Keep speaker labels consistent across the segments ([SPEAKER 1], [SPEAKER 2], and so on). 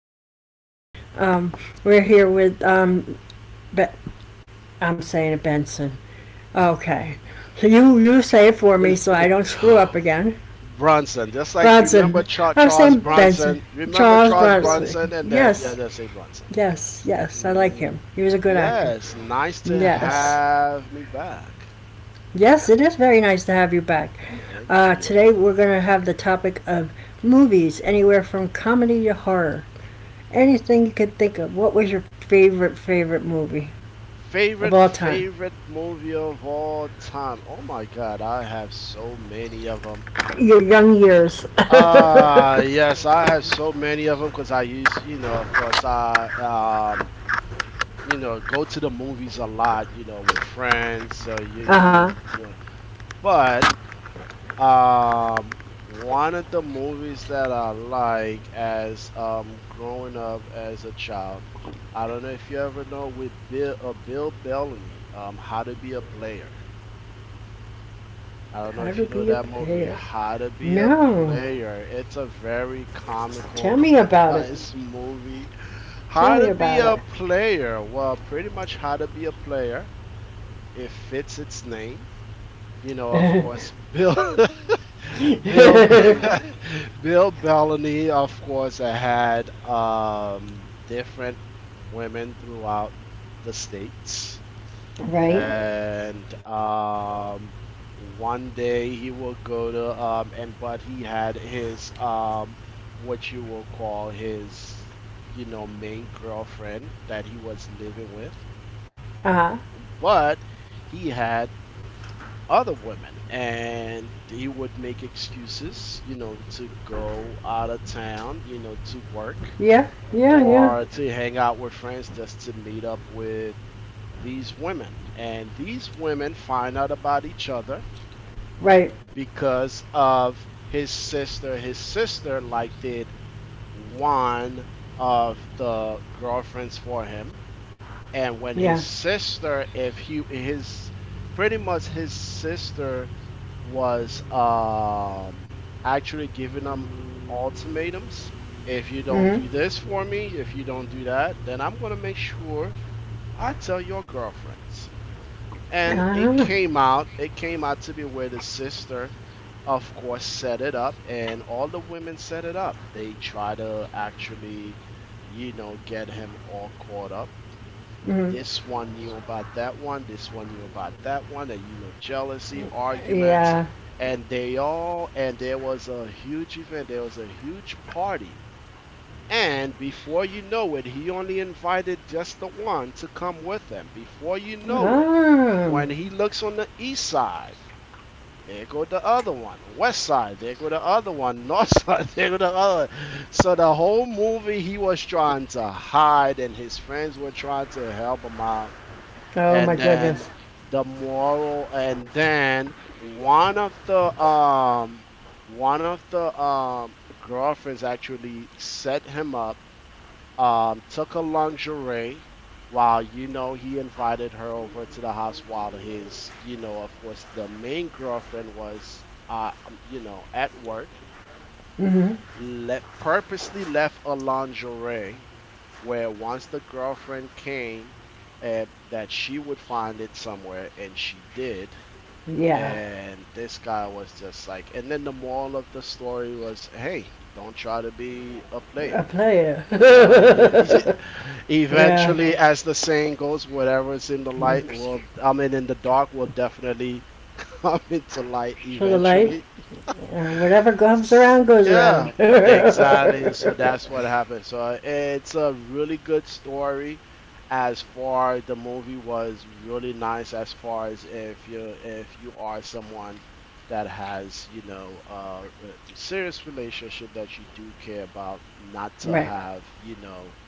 [SPEAKER 1] podcast. Um, we're here with Be- I'm saying it Benson. Okay, so you say it for me so I don't screw up again.
[SPEAKER 2] Bronson, just like
[SPEAKER 1] Bronson.
[SPEAKER 2] remember
[SPEAKER 1] I'm
[SPEAKER 2] Charles
[SPEAKER 1] saying Benson.
[SPEAKER 2] Bronson. Remember
[SPEAKER 1] Charles
[SPEAKER 2] Charles
[SPEAKER 1] Bronson.
[SPEAKER 2] Bronson, and then yeah,
[SPEAKER 1] Yes,
[SPEAKER 2] just say Bronson.
[SPEAKER 1] yes, yes. I like him.
[SPEAKER 2] Ooh,
[SPEAKER 1] He was a good actor.
[SPEAKER 2] yes, nice to
[SPEAKER 1] Yes,
[SPEAKER 2] have me back.
[SPEAKER 1] yes. It is very nice to have you back.
[SPEAKER 2] Thank
[SPEAKER 1] Today
[SPEAKER 2] you.
[SPEAKER 1] we're going to have the topic of movies, anywhere from comedy to horror. Anything you could think of. What was your favorite movie? Of
[SPEAKER 2] Favorite
[SPEAKER 1] all time.
[SPEAKER 2] favorite movie of all time. Oh my God, I have so many of them.
[SPEAKER 1] Your young years.
[SPEAKER 2] Ah, yes, I have so many of them because I used, you know, of course, I you know, go to the movies a lot, you know, with friends. So you
[SPEAKER 1] Huh.
[SPEAKER 2] you But um, One of the movies that I like as growing up as a child, I don't know if you ever know with Bill Bellamy, How to Be a Player. I don't know
[SPEAKER 1] How
[SPEAKER 2] if
[SPEAKER 1] to
[SPEAKER 2] you know
[SPEAKER 1] be a
[SPEAKER 2] that movie,
[SPEAKER 1] player.
[SPEAKER 2] How to Be a
[SPEAKER 1] No.
[SPEAKER 2] Player. It's a very
[SPEAKER 1] Tell
[SPEAKER 2] comical,
[SPEAKER 1] me about it.
[SPEAKER 2] nice movie.
[SPEAKER 1] Tell
[SPEAKER 2] How
[SPEAKER 1] me
[SPEAKER 2] to Be
[SPEAKER 1] about it.
[SPEAKER 2] a Player. Well, pretty much How to Be a Player. It fits its name. You know, of course, Bill, Bill, Bill Bellamy, of course, had different women throughout the states,
[SPEAKER 1] right?
[SPEAKER 2] and one day he will go to and but he had his what you will call his, you know, main girlfriend that he was living with,
[SPEAKER 1] Uh huh.
[SPEAKER 2] but he had other women and he would make excuses, you know, to go out of town, you know, to work
[SPEAKER 1] Yeah, yeah, yeah.
[SPEAKER 2] or to hang out with friends just to meet up with these women, and these women find out about each other
[SPEAKER 1] Right.
[SPEAKER 2] because of his sister. His sister liked it, one of the girlfriends for him, and when his
[SPEAKER 1] Yeah.
[SPEAKER 2] sister, if he his pretty much his sister was actually giving him ultimatums. If you
[SPEAKER 1] Mm
[SPEAKER 2] don't
[SPEAKER 1] hmm.
[SPEAKER 2] do this for me, if you don't do that, then I'm going to make sure I tell your girlfriends.
[SPEAKER 1] Uh
[SPEAKER 2] And it
[SPEAKER 1] huh.
[SPEAKER 2] came out, to be where the sister, of course, set it up and all the women set it up. They try to actually, you know, get him all caught up.
[SPEAKER 1] Mm hmm.
[SPEAKER 2] This one knew about that one. This one knew about that one. And you know, jealousy, arguments,
[SPEAKER 1] Yeah.
[SPEAKER 2] and they all. And there was a huge event. There was a huge party. And before you know it, he only invited just the one to come with him. Before you know it,
[SPEAKER 1] Oh.
[SPEAKER 2] when he looks on the east side, there go the other one. West side, there go the other one. North side, there go the other. So the whole movie he was trying to hide, and his friends were trying to help him out,
[SPEAKER 1] Oh my
[SPEAKER 2] and
[SPEAKER 1] goodness.
[SPEAKER 2] then the moral, and then one of the um one of the girlfriends actually set him up. Took her lingerie while, you know, he invited her over to the house while his, you know, of course, the main girlfriend was you know, at work.
[SPEAKER 1] Mm hmm.
[SPEAKER 2] Left purposely, left a lingerie where once the girlfriend came, that she would find it somewhere, and she did. Yeah.
[SPEAKER 1] Yeah.
[SPEAKER 2] And this guy was just like, and then the moral of the story was, hey, don't try to be a
[SPEAKER 1] A
[SPEAKER 2] player.
[SPEAKER 1] player.
[SPEAKER 2] You know,
[SPEAKER 1] yeah.
[SPEAKER 2] eventually, as the saying goes, whatever's in the light will, I mean, in the dark will definitely come into light
[SPEAKER 1] So the light,
[SPEAKER 2] eventually.
[SPEAKER 1] whatever comes around goes around.
[SPEAKER 2] Yeah, exactly. So that's what happened. So it's a really good story, as far the movie was really nice, as far as if you are someone that has, you know, a serious relationship that you do care about, not to
[SPEAKER 1] right.
[SPEAKER 2] have, you know,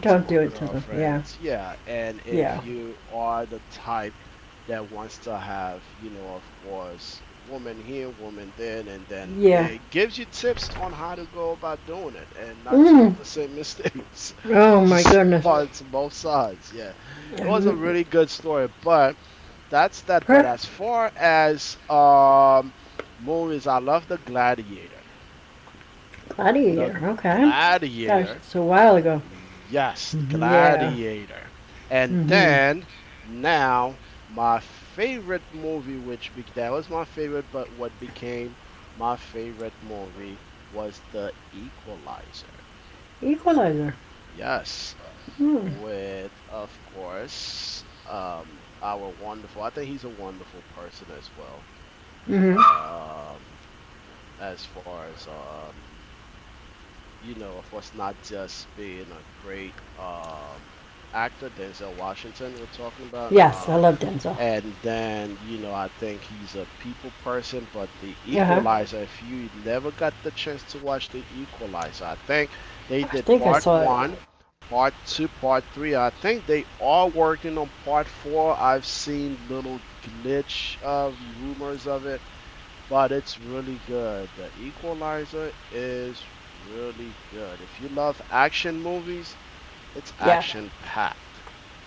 [SPEAKER 1] Don't do it to them. Yeah.
[SPEAKER 2] girlfriends. Yeah, and if
[SPEAKER 1] Yeah.
[SPEAKER 2] you are the type that wants to have, you know, of course, woman here, woman there, and then yeah,
[SPEAKER 1] Yeah.
[SPEAKER 2] it gives you tips on how to go about doing it and not to make
[SPEAKER 1] Mm.
[SPEAKER 2] the same mistakes.
[SPEAKER 1] Oh my
[SPEAKER 2] So,
[SPEAKER 1] goodness.
[SPEAKER 2] right, it's both sides, yeah. It was a
[SPEAKER 1] Um,
[SPEAKER 2] really, yeah, good story, but. That's that. But as far as movies, I love The Gladiator. The, oh,
[SPEAKER 1] Gladiator. Okay.
[SPEAKER 2] Gladiator.
[SPEAKER 1] That's a while ago.
[SPEAKER 2] Yes, the
[SPEAKER 1] Hmm. Yeah.
[SPEAKER 2] Gladiator. And
[SPEAKER 1] Hmm.
[SPEAKER 2] then now my favorite movie, which that was my favorite, but what became my favorite movie was The Equalizer.
[SPEAKER 1] Equalizer.
[SPEAKER 2] Yes,
[SPEAKER 1] Mm.
[SPEAKER 2] with, of course, our wonderful. I think he's a wonderful person as well.
[SPEAKER 1] Mm-hmm.
[SPEAKER 2] Um, as far as you know, of course, not just being a great actor, Denzel Washington, we're talking about.
[SPEAKER 1] Yes,
[SPEAKER 2] Yeah.
[SPEAKER 1] I love Denzel.
[SPEAKER 2] And then, you know, I think he's a people person, but The, mm,
[SPEAKER 1] Uh huh.
[SPEAKER 2] Equalizer, if you never got the chance to watch The Equalizer, I think they
[SPEAKER 1] I
[SPEAKER 2] did
[SPEAKER 1] think I
[SPEAKER 2] part
[SPEAKER 1] saw it.
[SPEAKER 2] one, part two, part three. I think they are working on part four. I've seen little glitch of rumors of it, but it's really good. The Equalizer is really good. If you love action movies, it's
[SPEAKER 1] Yeah.
[SPEAKER 2] action packed.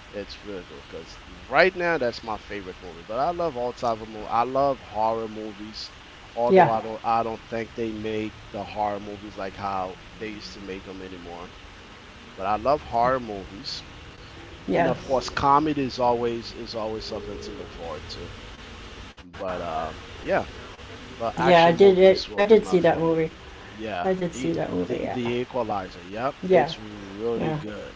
[SPEAKER 2] It's really good because right now that's my favorite movie. But I love all type of movies. I love horror movies, although
[SPEAKER 1] Yeah.
[SPEAKER 2] I don't think they make the horror movies like how they used to make them anymore. But I love horror movies, and of
[SPEAKER 1] Yes.
[SPEAKER 2] course comedy is always something to look forward to. But yeah, but
[SPEAKER 1] Yeah, I
[SPEAKER 2] action
[SPEAKER 1] did it.
[SPEAKER 2] movies will
[SPEAKER 1] I
[SPEAKER 2] be
[SPEAKER 1] did
[SPEAKER 2] my
[SPEAKER 1] see that
[SPEAKER 2] favorite.
[SPEAKER 1] movie.
[SPEAKER 2] Yeah,
[SPEAKER 1] I did see that movie.
[SPEAKER 2] the
[SPEAKER 1] Yeah.
[SPEAKER 2] the Equalizer. Yep,
[SPEAKER 1] Yeah.
[SPEAKER 2] it's really
[SPEAKER 1] Yeah.
[SPEAKER 2] good.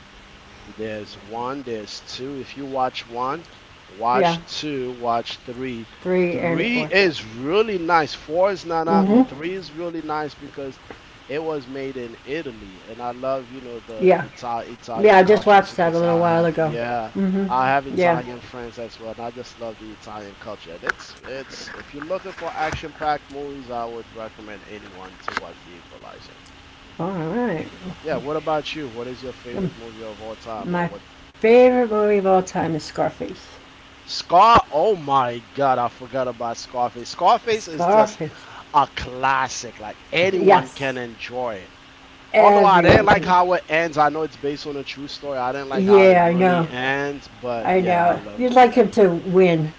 [SPEAKER 2] There's one, there's two. If you watch one, watch
[SPEAKER 1] Yeah.
[SPEAKER 2] two, watch three.
[SPEAKER 1] Three and
[SPEAKER 2] Three
[SPEAKER 1] four.
[SPEAKER 2] is really nice. Four is not out
[SPEAKER 1] Mm-hmm.
[SPEAKER 2] yet. Three is really nice because it was made in Italy, and I love, you know, the
[SPEAKER 1] Yeah. Yeah.
[SPEAKER 2] Italian
[SPEAKER 1] I just
[SPEAKER 2] cultures
[SPEAKER 1] watched that a
[SPEAKER 2] because
[SPEAKER 1] little
[SPEAKER 2] I
[SPEAKER 1] while
[SPEAKER 2] have,
[SPEAKER 1] ago.
[SPEAKER 2] yeah, I have
[SPEAKER 1] Mm-hmm. Yeah.
[SPEAKER 2] Italian friends as well, and I just love the Italian culture. And it's if you're looking for action-packed movies, I would recommend anyone to watch The Equalizer.
[SPEAKER 1] All right.
[SPEAKER 2] Yeah, what about you? What is your favorite movie of all time, or
[SPEAKER 1] My
[SPEAKER 2] what? Yeah.
[SPEAKER 1] favorite movie of all time is Scarface.
[SPEAKER 2] Scar, oh my god, I forgot about Scarface. Scarface is just
[SPEAKER 1] Scarface.
[SPEAKER 2] a classic. Like anyone can
[SPEAKER 1] Yes,
[SPEAKER 2] enjoy it. Although I didn't
[SPEAKER 1] everyone
[SPEAKER 2] like
[SPEAKER 1] can.
[SPEAKER 2] how it ends. I know it's based on a true story. I didn't like how it
[SPEAKER 1] Yeah, I
[SPEAKER 2] really
[SPEAKER 1] know.
[SPEAKER 2] ends, but
[SPEAKER 1] I
[SPEAKER 2] yeah, I
[SPEAKER 1] know.
[SPEAKER 2] love
[SPEAKER 1] You'd
[SPEAKER 2] it.
[SPEAKER 1] like
[SPEAKER 2] Yeah.
[SPEAKER 1] him to win.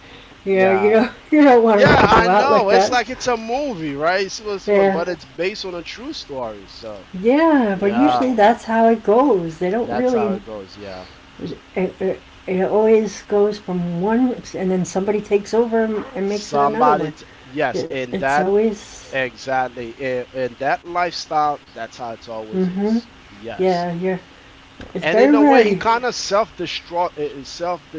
[SPEAKER 1] You know, you
[SPEAKER 2] Yeah.
[SPEAKER 1] don't, you don't want him
[SPEAKER 2] Yeah,
[SPEAKER 1] to go
[SPEAKER 2] I
[SPEAKER 1] out like
[SPEAKER 2] know. It's
[SPEAKER 1] that.
[SPEAKER 2] like it's a movie, right? It's supposed to win,
[SPEAKER 1] Yeah,
[SPEAKER 2] but it's based on a true story. So,
[SPEAKER 1] yeah. But usually
[SPEAKER 2] yeah.
[SPEAKER 1] that's how it goes. They don't
[SPEAKER 2] That's how
[SPEAKER 1] really.
[SPEAKER 2] it goes. Yeah.
[SPEAKER 1] It, it, it always goes from one, and then somebody takes over and makes it another one.
[SPEAKER 2] Yes, in
[SPEAKER 1] It's
[SPEAKER 2] that
[SPEAKER 1] always.
[SPEAKER 2] exactly. And that lifestyle, that's how it's always
[SPEAKER 1] Mm-hmm.
[SPEAKER 2] is. Yes.
[SPEAKER 1] Yeah, yeah. It's
[SPEAKER 2] And
[SPEAKER 1] very
[SPEAKER 2] in a way, he
[SPEAKER 1] rare.
[SPEAKER 2] kind of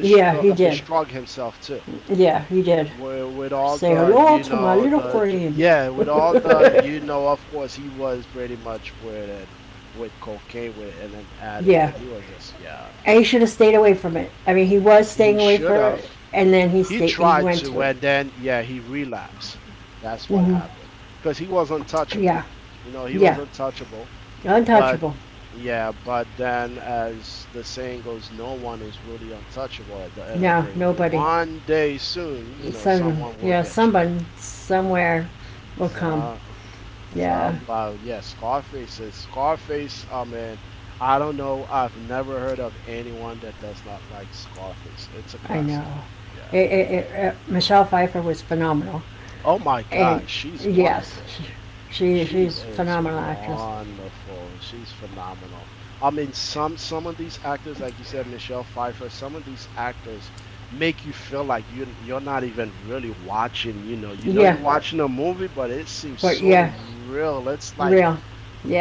[SPEAKER 1] Yeah, he did.
[SPEAKER 2] himself too.
[SPEAKER 1] Yeah, he did.
[SPEAKER 2] With all
[SPEAKER 1] Say
[SPEAKER 2] the,
[SPEAKER 1] hello
[SPEAKER 2] you
[SPEAKER 1] to my
[SPEAKER 2] know,
[SPEAKER 1] little friend.
[SPEAKER 2] yeah, with all the, you know, of course, he was pretty much with cocaine with and an addict,
[SPEAKER 1] Yeah,
[SPEAKER 2] and he was just yeah.
[SPEAKER 1] and he should have stayed away from it. I mean, he was staying
[SPEAKER 2] He
[SPEAKER 1] away
[SPEAKER 2] should
[SPEAKER 1] from
[SPEAKER 2] have.
[SPEAKER 1] it, and then he
[SPEAKER 2] He
[SPEAKER 1] stayed. He
[SPEAKER 2] tried
[SPEAKER 1] went
[SPEAKER 2] to,
[SPEAKER 1] to it.
[SPEAKER 2] and then yeah, he relapsed. That's what
[SPEAKER 1] Hmm.
[SPEAKER 2] happened because he was untouchable.
[SPEAKER 1] Yeah,
[SPEAKER 2] You know, he was
[SPEAKER 1] yeah,
[SPEAKER 2] untouchable. But
[SPEAKER 1] untouchable.
[SPEAKER 2] yeah, but then as the saying goes, no one is really untouchable at the end of the
[SPEAKER 1] No,
[SPEAKER 2] day.
[SPEAKER 1] nobody.
[SPEAKER 2] One day soon, you know,
[SPEAKER 1] Some,
[SPEAKER 2] someone will
[SPEAKER 1] yeah,
[SPEAKER 2] get you.
[SPEAKER 1] someone somewhere will come.
[SPEAKER 2] So,
[SPEAKER 1] Yeah,
[SPEAKER 2] somebody, yeah, Scarface. I mean, I don't know. I've never heard of anyone that does not like Scarface. It's a
[SPEAKER 1] I
[SPEAKER 2] classic.
[SPEAKER 1] know.
[SPEAKER 2] Yeah.
[SPEAKER 1] Michelle Pfeiffer was phenomenal,
[SPEAKER 2] Oh my
[SPEAKER 1] and
[SPEAKER 2] God, she's
[SPEAKER 1] yes,
[SPEAKER 2] wonderful. She
[SPEAKER 1] she's a
[SPEAKER 2] is
[SPEAKER 1] phenomenal actress.
[SPEAKER 2] wonderful. She's phenomenal. I mean, some of these actors, like you said, Michelle Pfeiffer, some of these actors make you feel like you're not even really watching. You know you're
[SPEAKER 1] Yeah,
[SPEAKER 2] right, watching a movie, but it seems
[SPEAKER 1] but
[SPEAKER 2] so
[SPEAKER 1] yeah,
[SPEAKER 2] right, real. It's like,
[SPEAKER 1] real.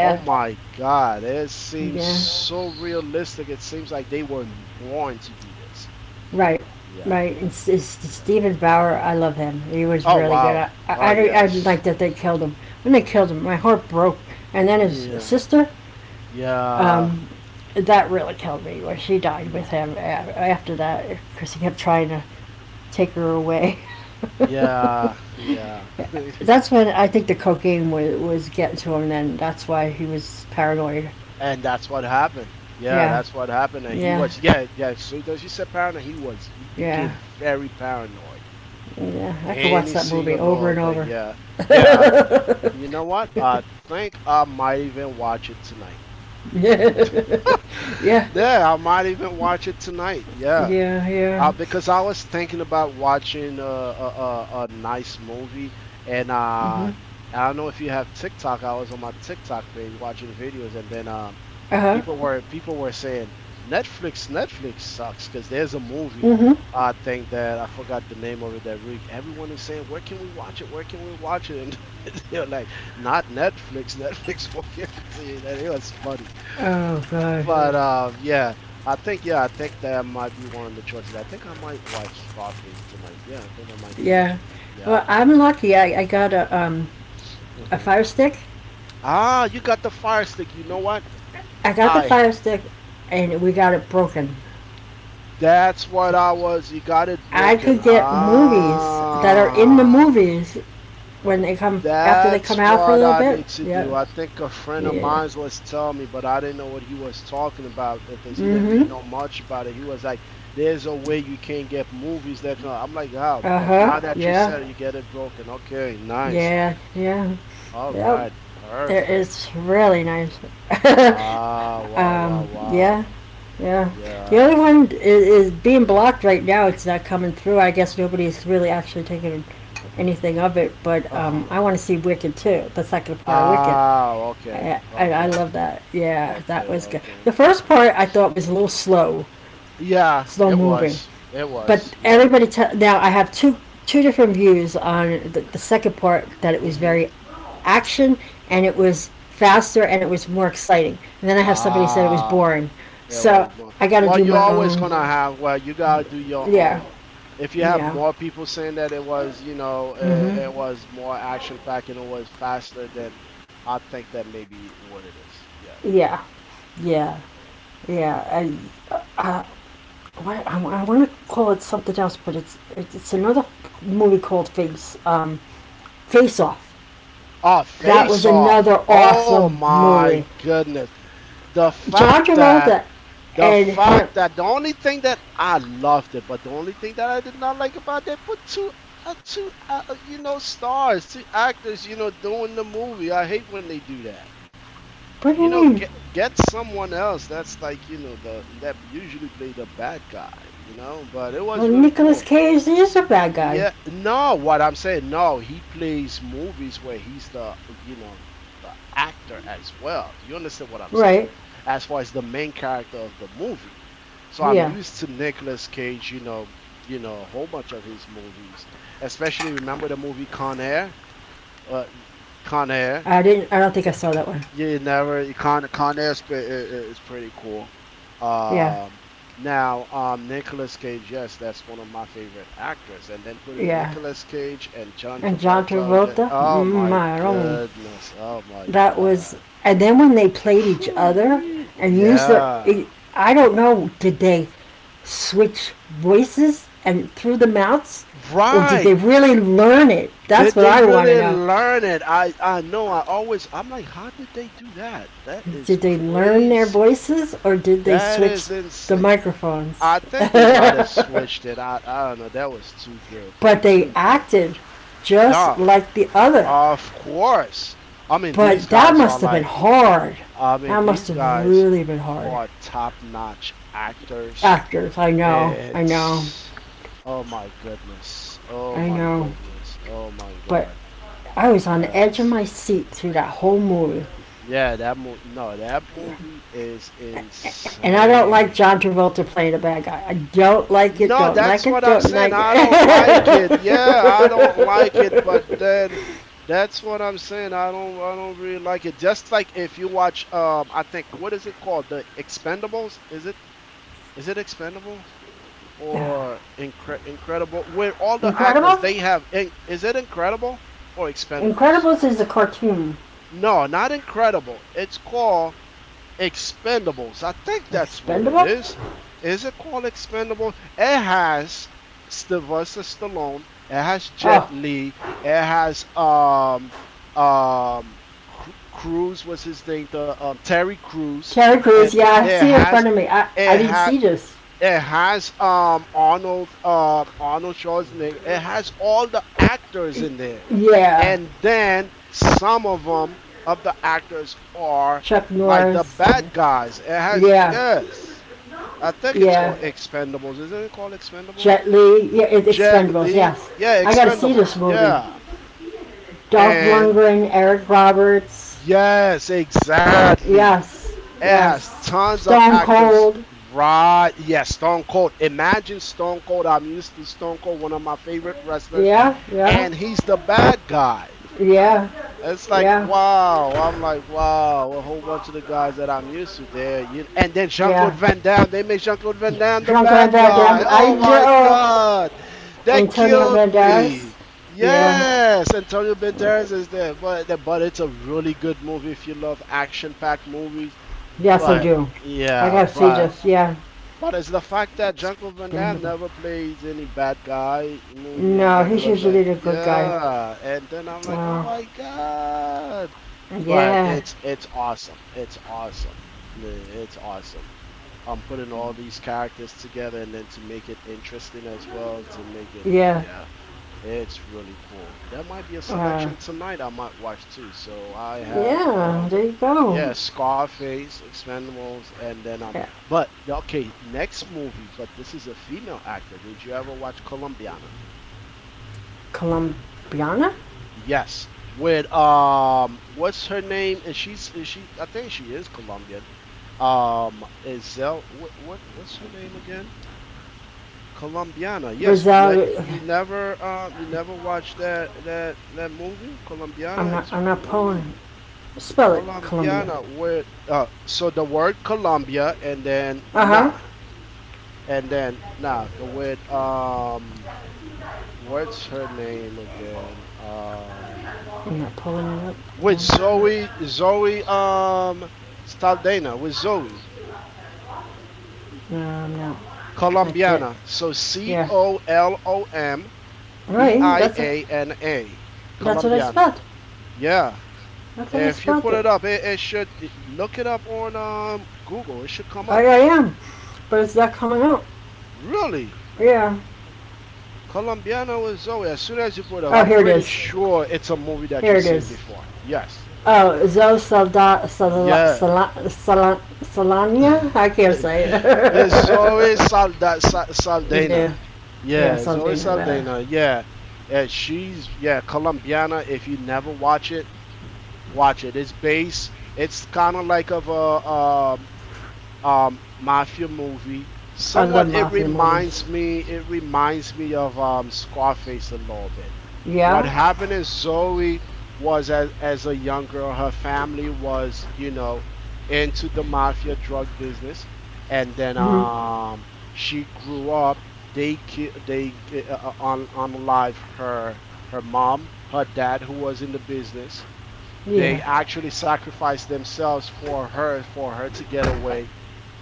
[SPEAKER 2] oh my God, it seems, yeah,
[SPEAKER 1] yeah.
[SPEAKER 2] so realistic. It seems like they were born to do this.
[SPEAKER 1] Right,
[SPEAKER 2] Yeah,
[SPEAKER 1] right.
[SPEAKER 2] yeah.
[SPEAKER 1] Stephen Bauer. I love him. He was
[SPEAKER 2] Oh
[SPEAKER 1] really good.
[SPEAKER 2] wow. Oh
[SPEAKER 1] I'd
[SPEAKER 2] yes.
[SPEAKER 1] like that they killed him. When they killed him, my heart broke. And then his
[SPEAKER 2] Yeah.
[SPEAKER 1] sister,
[SPEAKER 2] Yeah.
[SPEAKER 1] um, that really killed me where she died with him after that because he kept trying to take her away.
[SPEAKER 2] Yeah, yeah.
[SPEAKER 1] That's when I think the cocaine was getting to him, and then that's why he was paranoid.
[SPEAKER 2] And that's what happened. Yeah,
[SPEAKER 1] Yeah,
[SPEAKER 2] that's what happened. And he
[SPEAKER 1] yeah,
[SPEAKER 2] was, yeah, yeah. So as you said, paranoid, he was, he
[SPEAKER 1] yeah,
[SPEAKER 2] became very paranoid.
[SPEAKER 1] yeah. I could watch
[SPEAKER 2] Any
[SPEAKER 1] that movie
[SPEAKER 2] single
[SPEAKER 1] over
[SPEAKER 2] little
[SPEAKER 1] and
[SPEAKER 2] thing,
[SPEAKER 1] over.
[SPEAKER 2] yeah. Yeah, I th- you know what? I think I might even watch it tonight.
[SPEAKER 1] yeah, yeah,
[SPEAKER 2] Yeah, I might even watch it tonight. Yeah,
[SPEAKER 1] yeah, yeah.
[SPEAKER 2] Because I was thinking about watching a nice movie, and I
[SPEAKER 1] Hmm.
[SPEAKER 2] don't know if you have TikTok. I was on my TikTok page watching videos, and then
[SPEAKER 1] Uh huh.
[SPEAKER 2] people were, saying Netflix, sucks because there's a movie,
[SPEAKER 1] Mm-hmm.
[SPEAKER 2] I think, that I forgot the name of it, that everyone is saying, where can we watch it, where can we watch it, and they're like, not Netflix. Netflix will guarantee you that it was funny,
[SPEAKER 1] Oh god.
[SPEAKER 2] but mm, yeah, I think, yeah, I think that might be one of the choices. I think I might watch Scarface tonight. Yeah, I think I might do that.
[SPEAKER 1] Yeah.
[SPEAKER 2] Yeah.
[SPEAKER 1] Well, I'm lucky. I got a
[SPEAKER 2] Hmm.
[SPEAKER 1] fire stick.
[SPEAKER 2] Ah, you got the Fire Stick. You know what,
[SPEAKER 1] I got the
[SPEAKER 2] I.
[SPEAKER 1] fire stick, and we got it broken.
[SPEAKER 2] That's what I was. You got it
[SPEAKER 1] I
[SPEAKER 2] broken.
[SPEAKER 1] could get movies that are in the
[SPEAKER 2] Ah.
[SPEAKER 1] movies when they come after they come
[SPEAKER 2] That's
[SPEAKER 1] out for a
[SPEAKER 2] what
[SPEAKER 1] little
[SPEAKER 2] I
[SPEAKER 1] bit.
[SPEAKER 2] need to
[SPEAKER 1] Yeah.
[SPEAKER 2] do. I think a friend of
[SPEAKER 1] Yeah.
[SPEAKER 2] mine was telling me, but I didn't know what he was talking about because he didn't
[SPEAKER 1] Mm-hmm.
[SPEAKER 2] really know much about it. He was like, "There's a way you can get movies that can." I'm like, "Ah,
[SPEAKER 1] Uh
[SPEAKER 2] but
[SPEAKER 1] huh.
[SPEAKER 2] now that you
[SPEAKER 1] Yeah.
[SPEAKER 2] said it, you get it broken." Okay, nice.
[SPEAKER 1] Yeah. Yeah.
[SPEAKER 2] All
[SPEAKER 1] Yep.
[SPEAKER 2] right, perfect.
[SPEAKER 1] It's really nice.
[SPEAKER 2] Wow, wow, wow,
[SPEAKER 1] um. Yeah.
[SPEAKER 2] wow.
[SPEAKER 1] Yeah. The other
[SPEAKER 2] Yeah.
[SPEAKER 1] one is being blocked right now. It's not coming through. I guess nobody's really actually taking anything of it. But
[SPEAKER 2] Uh huh.
[SPEAKER 1] I want to see Wicked too. The second part of Wicked.
[SPEAKER 2] Ah, okay,
[SPEAKER 1] I
[SPEAKER 2] okay,
[SPEAKER 1] love that. Yeah, that
[SPEAKER 2] okay,
[SPEAKER 1] was good. The
[SPEAKER 2] okay.
[SPEAKER 1] first part I thought was a little slow,
[SPEAKER 2] Yeah,
[SPEAKER 1] slow
[SPEAKER 2] it
[SPEAKER 1] moving.
[SPEAKER 2] was. It
[SPEAKER 1] But
[SPEAKER 2] was. Yeah.
[SPEAKER 1] now I have two different views on the second part that it was
[SPEAKER 2] Mhm.
[SPEAKER 1] very action and it was faster and it was more exciting. And then I have somebody said it was
[SPEAKER 2] Ah,
[SPEAKER 1] boring.
[SPEAKER 2] it
[SPEAKER 1] So
[SPEAKER 2] was more.
[SPEAKER 1] I got to
[SPEAKER 2] Well,
[SPEAKER 1] do
[SPEAKER 2] you're
[SPEAKER 1] my
[SPEAKER 2] always
[SPEAKER 1] own.
[SPEAKER 2] gonna have. Well, you gotta do your
[SPEAKER 1] Yeah.
[SPEAKER 2] own. If you have
[SPEAKER 1] Yeah.
[SPEAKER 2] more people saying that it was,
[SPEAKER 1] Mm-hmm.
[SPEAKER 2] it was more action packed and it was faster, then I think that may be what it is. Yeah.
[SPEAKER 1] Yeah.
[SPEAKER 2] Yeah.
[SPEAKER 1] Yeah, yeah. And uh, what, I want to call it something else, but it's another movie called Face Off.
[SPEAKER 2] Oh,
[SPEAKER 1] That was
[SPEAKER 2] face off.
[SPEAKER 1] another
[SPEAKER 2] Oh
[SPEAKER 1] awesome
[SPEAKER 2] my
[SPEAKER 1] movie.
[SPEAKER 2] goodness. The
[SPEAKER 1] John
[SPEAKER 2] fact that
[SPEAKER 1] Travolta
[SPEAKER 2] The
[SPEAKER 1] and him.
[SPEAKER 2] fact that the only thing that I loved it, but the only thing that I did not like about it, they put two, two, you know, stars, two actors, you know, doing the movie. I hate when they do that.
[SPEAKER 1] What do
[SPEAKER 2] You
[SPEAKER 1] you
[SPEAKER 2] know,
[SPEAKER 1] mean?
[SPEAKER 2] get someone else that's like, you know, the that usually play the bad guy, you know. But it
[SPEAKER 1] Well,
[SPEAKER 2] was really
[SPEAKER 1] Nicolas
[SPEAKER 2] cool.
[SPEAKER 1] Cage is a bad guy,
[SPEAKER 2] Yeah, no, what I'm saying, no, he plays movies where he's the, you know, the actor as well. You understand what I'm saying?
[SPEAKER 1] right?
[SPEAKER 2] As far as the main character of the movie. So I'm
[SPEAKER 1] Yeah.
[SPEAKER 2] used to Nicolas Cage, you know, a whole bunch of his movies. Especially remember the movie Con Air? Uh, Con Air.
[SPEAKER 1] I didn't. I don't think I saw that one.
[SPEAKER 2] Yeah, never. You Con Air is, is pretty cool.
[SPEAKER 1] Yeah,
[SPEAKER 2] Um, Now, Nicolas Cage, yes, that's one of my favorite actors. And then putting
[SPEAKER 1] yeah.
[SPEAKER 2] Nicolas Cage and John
[SPEAKER 1] And John
[SPEAKER 2] Travolta again.
[SPEAKER 1] Travolta.
[SPEAKER 2] Oh my
[SPEAKER 1] I don't
[SPEAKER 2] goodness. Oh my
[SPEAKER 1] that was
[SPEAKER 2] God.
[SPEAKER 1] and then when they played each other
[SPEAKER 2] Whew
[SPEAKER 1] and used
[SPEAKER 2] Yeah.
[SPEAKER 1] don't know did they switch voices and through the mouths or did they
[SPEAKER 2] Right.
[SPEAKER 1] really learn it, that's
[SPEAKER 2] Did
[SPEAKER 1] what
[SPEAKER 2] they
[SPEAKER 1] I want to
[SPEAKER 2] really
[SPEAKER 1] know.
[SPEAKER 2] learn it? I know. I'm like, how did they do that? That is
[SPEAKER 1] Did they learn their
[SPEAKER 2] crazy.
[SPEAKER 1] voices or did they
[SPEAKER 2] That
[SPEAKER 1] switch
[SPEAKER 2] is
[SPEAKER 1] the
[SPEAKER 2] insane.
[SPEAKER 1] microphones,
[SPEAKER 2] I think they might have switched it. I don't know. That was too good.
[SPEAKER 1] but they
[SPEAKER 2] Too good. Mhm.
[SPEAKER 1] acted just
[SPEAKER 2] Dog,
[SPEAKER 1] like the other,
[SPEAKER 2] of course. I mean, these
[SPEAKER 1] but that
[SPEAKER 2] guys are
[SPEAKER 1] must have been
[SPEAKER 2] like,
[SPEAKER 1] hard,
[SPEAKER 2] I mean,
[SPEAKER 1] that must
[SPEAKER 2] these
[SPEAKER 1] have
[SPEAKER 2] guys
[SPEAKER 1] really been hard
[SPEAKER 2] are top-notch actors.
[SPEAKER 1] actors.
[SPEAKER 2] It's, oh my goodness. Oh
[SPEAKER 1] I
[SPEAKER 2] my
[SPEAKER 1] know,
[SPEAKER 2] goodness. Oh my
[SPEAKER 1] but
[SPEAKER 2] God.
[SPEAKER 1] I was on the edge of
[SPEAKER 2] That's,
[SPEAKER 1] my seat through that whole movie.
[SPEAKER 2] yeah, that movie, no, that movie is
[SPEAKER 1] And I don't like John
[SPEAKER 2] insane.
[SPEAKER 1] Travolta playing a bad guy. I don't like it,
[SPEAKER 2] No, that's what I'm
[SPEAKER 1] don't
[SPEAKER 2] saying.
[SPEAKER 1] like it.
[SPEAKER 2] I don't like it. Yeah, I don't like it, but then that's what I'm saying. I don't really like it. Just like if you watch I think what is it called? The Expendables? Is it Expendables or Incredible? Where all the actors
[SPEAKER 1] Incredibles?
[SPEAKER 2] they have in- is it Incredible or Expendables?
[SPEAKER 1] Incredibles is a cartoon.
[SPEAKER 2] No, not Incredible. It's called Expendables. I think that's what it
[SPEAKER 1] Expendables?
[SPEAKER 2] is. Is it called Expendables? It has Sylvester Stallone. It has Jet
[SPEAKER 1] Oh,
[SPEAKER 2] Li. It has um Cruz was his name. The Terry Cruz.
[SPEAKER 1] Terry
[SPEAKER 2] And
[SPEAKER 1] Crews, yeah, I
[SPEAKER 2] it
[SPEAKER 1] see it in
[SPEAKER 2] has
[SPEAKER 1] front of me. I
[SPEAKER 2] it
[SPEAKER 1] didn't
[SPEAKER 2] had
[SPEAKER 1] see this.
[SPEAKER 2] it has Arnold Arnold Schwarzenegger. It has all the actors in there,
[SPEAKER 1] Yeah,
[SPEAKER 2] and then some of them of the actors are
[SPEAKER 1] Chuck
[SPEAKER 2] like the
[SPEAKER 1] Norris. Yeah,
[SPEAKER 2] bad guys. It has
[SPEAKER 1] yeah,
[SPEAKER 2] yes, I think it's
[SPEAKER 1] yeah.
[SPEAKER 2] called Expendables. Isn't it called Expendables?
[SPEAKER 1] Jet Li. Yeah, it's
[SPEAKER 2] Jet
[SPEAKER 1] Expendables,
[SPEAKER 2] Li,
[SPEAKER 1] yes.
[SPEAKER 2] yeah,
[SPEAKER 1] I gotta see this
[SPEAKER 2] Expendables,
[SPEAKER 1] movie.
[SPEAKER 2] yeah.
[SPEAKER 1] Dolph
[SPEAKER 2] And
[SPEAKER 1] Lundgren, Eric Roberts,
[SPEAKER 2] Yes, exactly.
[SPEAKER 1] yes,
[SPEAKER 2] It has
[SPEAKER 1] yes.
[SPEAKER 2] tons of
[SPEAKER 1] Stone
[SPEAKER 2] actors.
[SPEAKER 1] Cold.
[SPEAKER 2] Right. Yes, Stone Cold. Imagine Stone Cold. I'm used to Stone Cold, one of my favorite wrestlers,
[SPEAKER 1] Yeah, yeah,
[SPEAKER 2] and he's the bad guy.
[SPEAKER 1] yeah,
[SPEAKER 2] It's like
[SPEAKER 1] yeah,
[SPEAKER 2] wow. I'm like wow. A whole bunch of the guys that I'm used to there. You and then Jean Claude
[SPEAKER 1] yeah.
[SPEAKER 2] Van Damme. They made Jean Claude Van Damme the
[SPEAKER 1] Jean-Claude
[SPEAKER 2] bad
[SPEAKER 1] Van
[SPEAKER 2] guy.
[SPEAKER 1] Damme. I
[SPEAKER 2] Oh my
[SPEAKER 1] know
[SPEAKER 2] God, that
[SPEAKER 1] Antonio
[SPEAKER 2] killed
[SPEAKER 1] Banderas.
[SPEAKER 2] me.
[SPEAKER 1] Yeah.
[SPEAKER 2] Yes, Antonio Banderas is there, but it's a really good movie if you love action-packed movies.
[SPEAKER 1] Yes, I
[SPEAKER 2] But
[SPEAKER 1] do. I
[SPEAKER 2] yeah,
[SPEAKER 1] gotta see this. Yeah.
[SPEAKER 2] but it's the fact that Jean-Claude Van Damme
[SPEAKER 1] Expendable.
[SPEAKER 2] never plays any bad guy in movie, and
[SPEAKER 1] No,
[SPEAKER 2] then it
[SPEAKER 1] he's
[SPEAKER 2] was
[SPEAKER 1] usually
[SPEAKER 2] like,
[SPEAKER 1] the good guy.
[SPEAKER 2] yeah, and then I'm like, oh
[SPEAKER 1] Wow.
[SPEAKER 2] my god! But Yeah.
[SPEAKER 1] Yeah.
[SPEAKER 2] It's awesome. It's awesome. Yeah, It's awesome. I'm putting all these characters together, and then to make it interesting as well,
[SPEAKER 1] Yeah.
[SPEAKER 2] yeah. It's really cool. That might be a
[SPEAKER 1] Wow.
[SPEAKER 2] selection tonight I might watch too. So I have
[SPEAKER 1] Yeah. There you go.
[SPEAKER 2] yeah, Scarface, Expendables, and then
[SPEAKER 1] Yeah.
[SPEAKER 2] but okay, next movie, but this is a female actor. Did you ever watch Colombiana?
[SPEAKER 1] Colombiana.
[SPEAKER 2] Yes. With what's her name? And she's is she I think she is Colombian. Isel what's her name again? Colombiana. Yes,
[SPEAKER 1] Rizal.
[SPEAKER 2] you never watched that movie
[SPEAKER 1] I'm
[SPEAKER 2] Colombiana.
[SPEAKER 1] not.
[SPEAKER 2] It's
[SPEAKER 1] I'm not
[SPEAKER 2] really
[SPEAKER 1] Poland. Spell it. Colombia.
[SPEAKER 2] Colombiana with so the word Colombia
[SPEAKER 1] Uh huh.
[SPEAKER 2] and then nah with what's her name again
[SPEAKER 1] I'm not pulling it up.
[SPEAKER 2] with
[SPEAKER 1] Come
[SPEAKER 2] Zoe Zoe Saldana with Zoe
[SPEAKER 1] no, I'm not. Not yet.
[SPEAKER 2] Colombiana. So C
[SPEAKER 1] Yeah.
[SPEAKER 2] O L O M B
[SPEAKER 1] Right.
[SPEAKER 2] I A N A
[SPEAKER 1] That's what I
[SPEAKER 2] Colombiana.
[SPEAKER 1] spelled.
[SPEAKER 2] Yeah,
[SPEAKER 1] That's what I
[SPEAKER 2] if you
[SPEAKER 1] spelled
[SPEAKER 2] put
[SPEAKER 1] it.
[SPEAKER 2] it up, look it up on Google. It should come up.
[SPEAKER 1] I am. But it's not coming out.
[SPEAKER 2] Really,
[SPEAKER 1] Yeah.
[SPEAKER 2] Colombiana with Zoe. As soon as you put it up,
[SPEAKER 1] Oh,
[SPEAKER 2] I'm
[SPEAKER 1] here it
[SPEAKER 2] pretty
[SPEAKER 1] is.
[SPEAKER 2] sure it's a movie that
[SPEAKER 1] Here
[SPEAKER 2] you've
[SPEAKER 1] it
[SPEAKER 2] seen
[SPEAKER 1] is.
[SPEAKER 2] before. Yes.
[SPEAKER 1] Oh, Zoe Salda, Sala,
[SPEAKER 2] Yeah.
[SPEAKER 1] Sala, Sala, Salania? I can't say
[SPEAKER 2] it's
[SPEAKER 1] it. yeah.
[SPEAKER 2] Saldana.
[SPEAKER 1] Yeah,
[SPEAKER 2] Yeah, Zoe
[SPEAKER 1] Saldana. There.
[SPEAKER 2] Saldana. Yeah. And she's yeah Colombiana. If you never watch it, watch it. It's based. It's kind of like of a um, mafia movie.
[SPEAKER 1] I love
[SPEAKER 2] Somewhat,
[SPEAKER 1] mafia movies.
[SPEAKER 2] it reminds me of Scarface a little bit. What
[SPEAKER 1] Yeah?
[SPEAKER 2] happened is Zoe was as a young girl, her family was you know into the mafia drug business, and then
[SPEAKER 1] Hmm.
[SPEAKER 2] she grew up. They ki- they on live her mom, her dad who was in the business,
[SPEAKER 1] Yeah.
[SPEAKER 2] they actually sacrificed themselves for her to get away,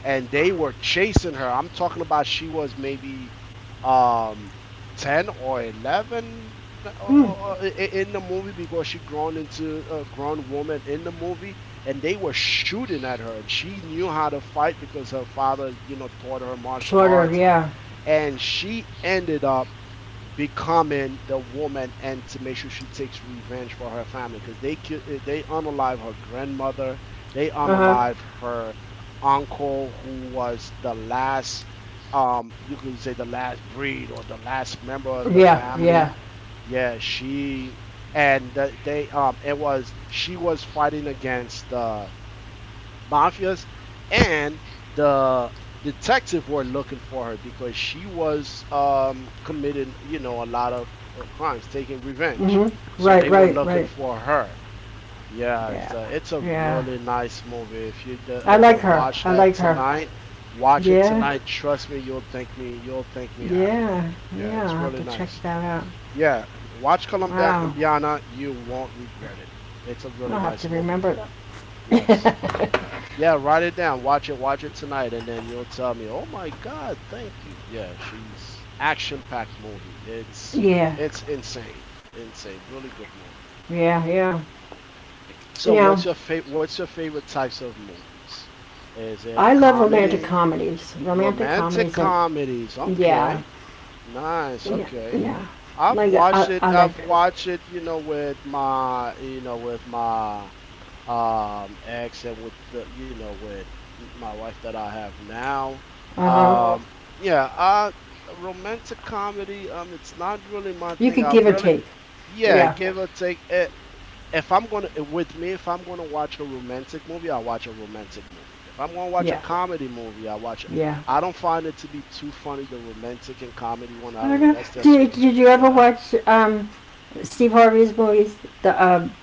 [SPEAKER 2] and they were chasing her. I'm talking about she was maybe um, 10 or 11
[SPEAKER 1] Mm.
[SPEAKER 2] in the movie because she grown into a grown woman in the movie, and they were shooting at her, and she knew how to fight because her father, you know, taught her martial
[SPEAKER 1] Sweater,
[SPEAKER 2] arts,
[SPEAKER 1] yeah.
[SPEAKER 2] and she ended up becoming the woman and to make sure she takes revenge for her family because they unalive her grandmother, they
[SPEAKER 1] Uh-huh.
[SPEAKER 2] unalive her uncle who was the last you could say the last breed or the last member of the
[SPEAKER 1] Yeah, yeah.
[SPEAKER 2] family. Yeah, she they it was she was fighting against the mafias and the detective were looking for her because she was committing, you know, a lot of crimes, taking revenge.
[SPEAKER 1] Hmm.
[SPEAKER 2] So
[SPEAKER 1] Right,
[SPEAKER 2] they were looking
[SPEAKER 1] right.
[SPEAKER 2] for her. Yeah,
[SPEAKER 1] Yeah,
[SPEAKER 2] it's a
[SPEAKER 1] yeah.
[SPEAKER 2] really nice movie. If you
[SPEAKER 1] I like
[SPEAKER 2] can
[SPEAKER 1] her.
[SPEAKER 2] watch
[SPEAKER 1] I
[SPEAKER 2] that
[SPEAKER 1] like her.
[SPEAKER 2] tonight, watch it
[SPEAKER 1] Yeah,
[SPEAKER 2] tonight. Trust me, you'll thank me. You'll thank me after. Yeah,
[SPEAKER 1] yeah.
[SPEAKER 2] it's
[SPEAKER 1] I'll have
[SPEAKER 2] really
[SPEAKER 1] to check
[SPEAKER 2] nice.
[SPEAKER 1] that out.
[SPEAKER 2] Yeah, watch
[SPEAKER 1] Wow.
[SPEAKER 2] Colombiana. You won't regret it. It's a
[SPEAKER 1] I'll
[SPEAKER 2] really
[SPEAKER 1] have to
[SPEAKER 2] nice movie.
[SPEAKER 1] remember
[SPEAKER 2] Yes.
[SPEAKER 1] that.
[SPEAKER 2] Yeah, write it down. Watch it. Watch it tonight, and then you'll tell me. Oh my God, thank you. Yeah, she's action-packed movie.
[SPEAKER 1] yeah,
[SPEAKER 2] It's insane, insane. Really good movie.
[SPEAKER 1] yeah. You
[SPEAKER 2] So,
[SPEAKER 1] know,
[SPEAKER 2] what's your favorite types of movies? Is it
[SPEAKER 1] I love romantic
[SPEAKER 2] comedy,
[SPEAKER 1] comedies. Romantic
[SPEAKER 2] romantic
[SPEAKER 1] comedies are,
[SPEAKER 2] comedies?
[SPEAKER 1] yeah,
[SPEAKER 2] Okay, nice. Okay,
[SPEAKER 1] yeah.
[SPEAKER 2] I've watched it.
[SPEAKER 1] I like,
[SPEAKER 2] I've watched it. You know, with my ex and with the you know with my wife that I have now.
[SPEAKER 1] uh huh.
[SPEAKER 2] Um yeah, romantic comedy it's not really my
[SPEAKER 1] You
[SPEAKER 2] thing.
[SPEAKER 1] could
[SPEAKER 2] I
[SPEAKER 1] give or
[SPEAKER 2] really
[SPEAKER 1] take.
[SPEAKER 2] yeah,
[SPEAKER 1] Yeah,
[SPEAKER 2] give or take it. If I'm gonna eh, with me, if I'm gonna watch a romantic movie, I watch a romantic movie. If I'm gonna watch a
[SPEAKER 1] yeah,
[SPEAKER 2] comedy movie, I watch it.
[SPEAKER 1] yeah.
[SPEAKER 2] I don't find it to be too funny. The romantic and comedy one, I
[SPEAKER 1] I don't
[SPEAKER 2] don't know.
[SPEAKER 1] know.
[SPEAKER 2] That's just
[SPEAKER 1] Did
[SPEAKER 2] me.
[SPEAKER 1] you ever
[SPEAKER 2] Yeah.
[SPEAKER 1] watch Steve
[SPEAKER 2] Mm.
[SPEAKER 1] Harvey's movies? The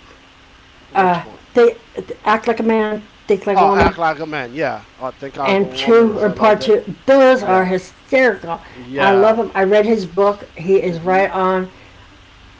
[SPEAKER 2] Which
[SPEAKER 1] uh,
[SPEAKER 2] one?
[SPEAKER 1] they act like a man, think like
[SPEAKER 2] Oh,
[SPEAKER 1] a
[SPEAKER 2] act
[SPEAKER 1] woman,
[SPEAKER 2] like a man. Yeah. I think like a
[SPEAKER 1] and
[SPEAKER 2] woman or
[SPEAKER 1] two or
[SPEAKER 2] something like
[SPEAKER 1] part
[SPEAKER 2] that.
[SPEAKER 1] two. Those are
[SPEAKER 2] Yeah.
[SPEAKER 1] hysterical. I love
[SPEAKER 2] Yeah.
[SPEAKER 1] him. I read his book. He is
[SPEAKER 2] hmm
[SPEAKER 1] right on.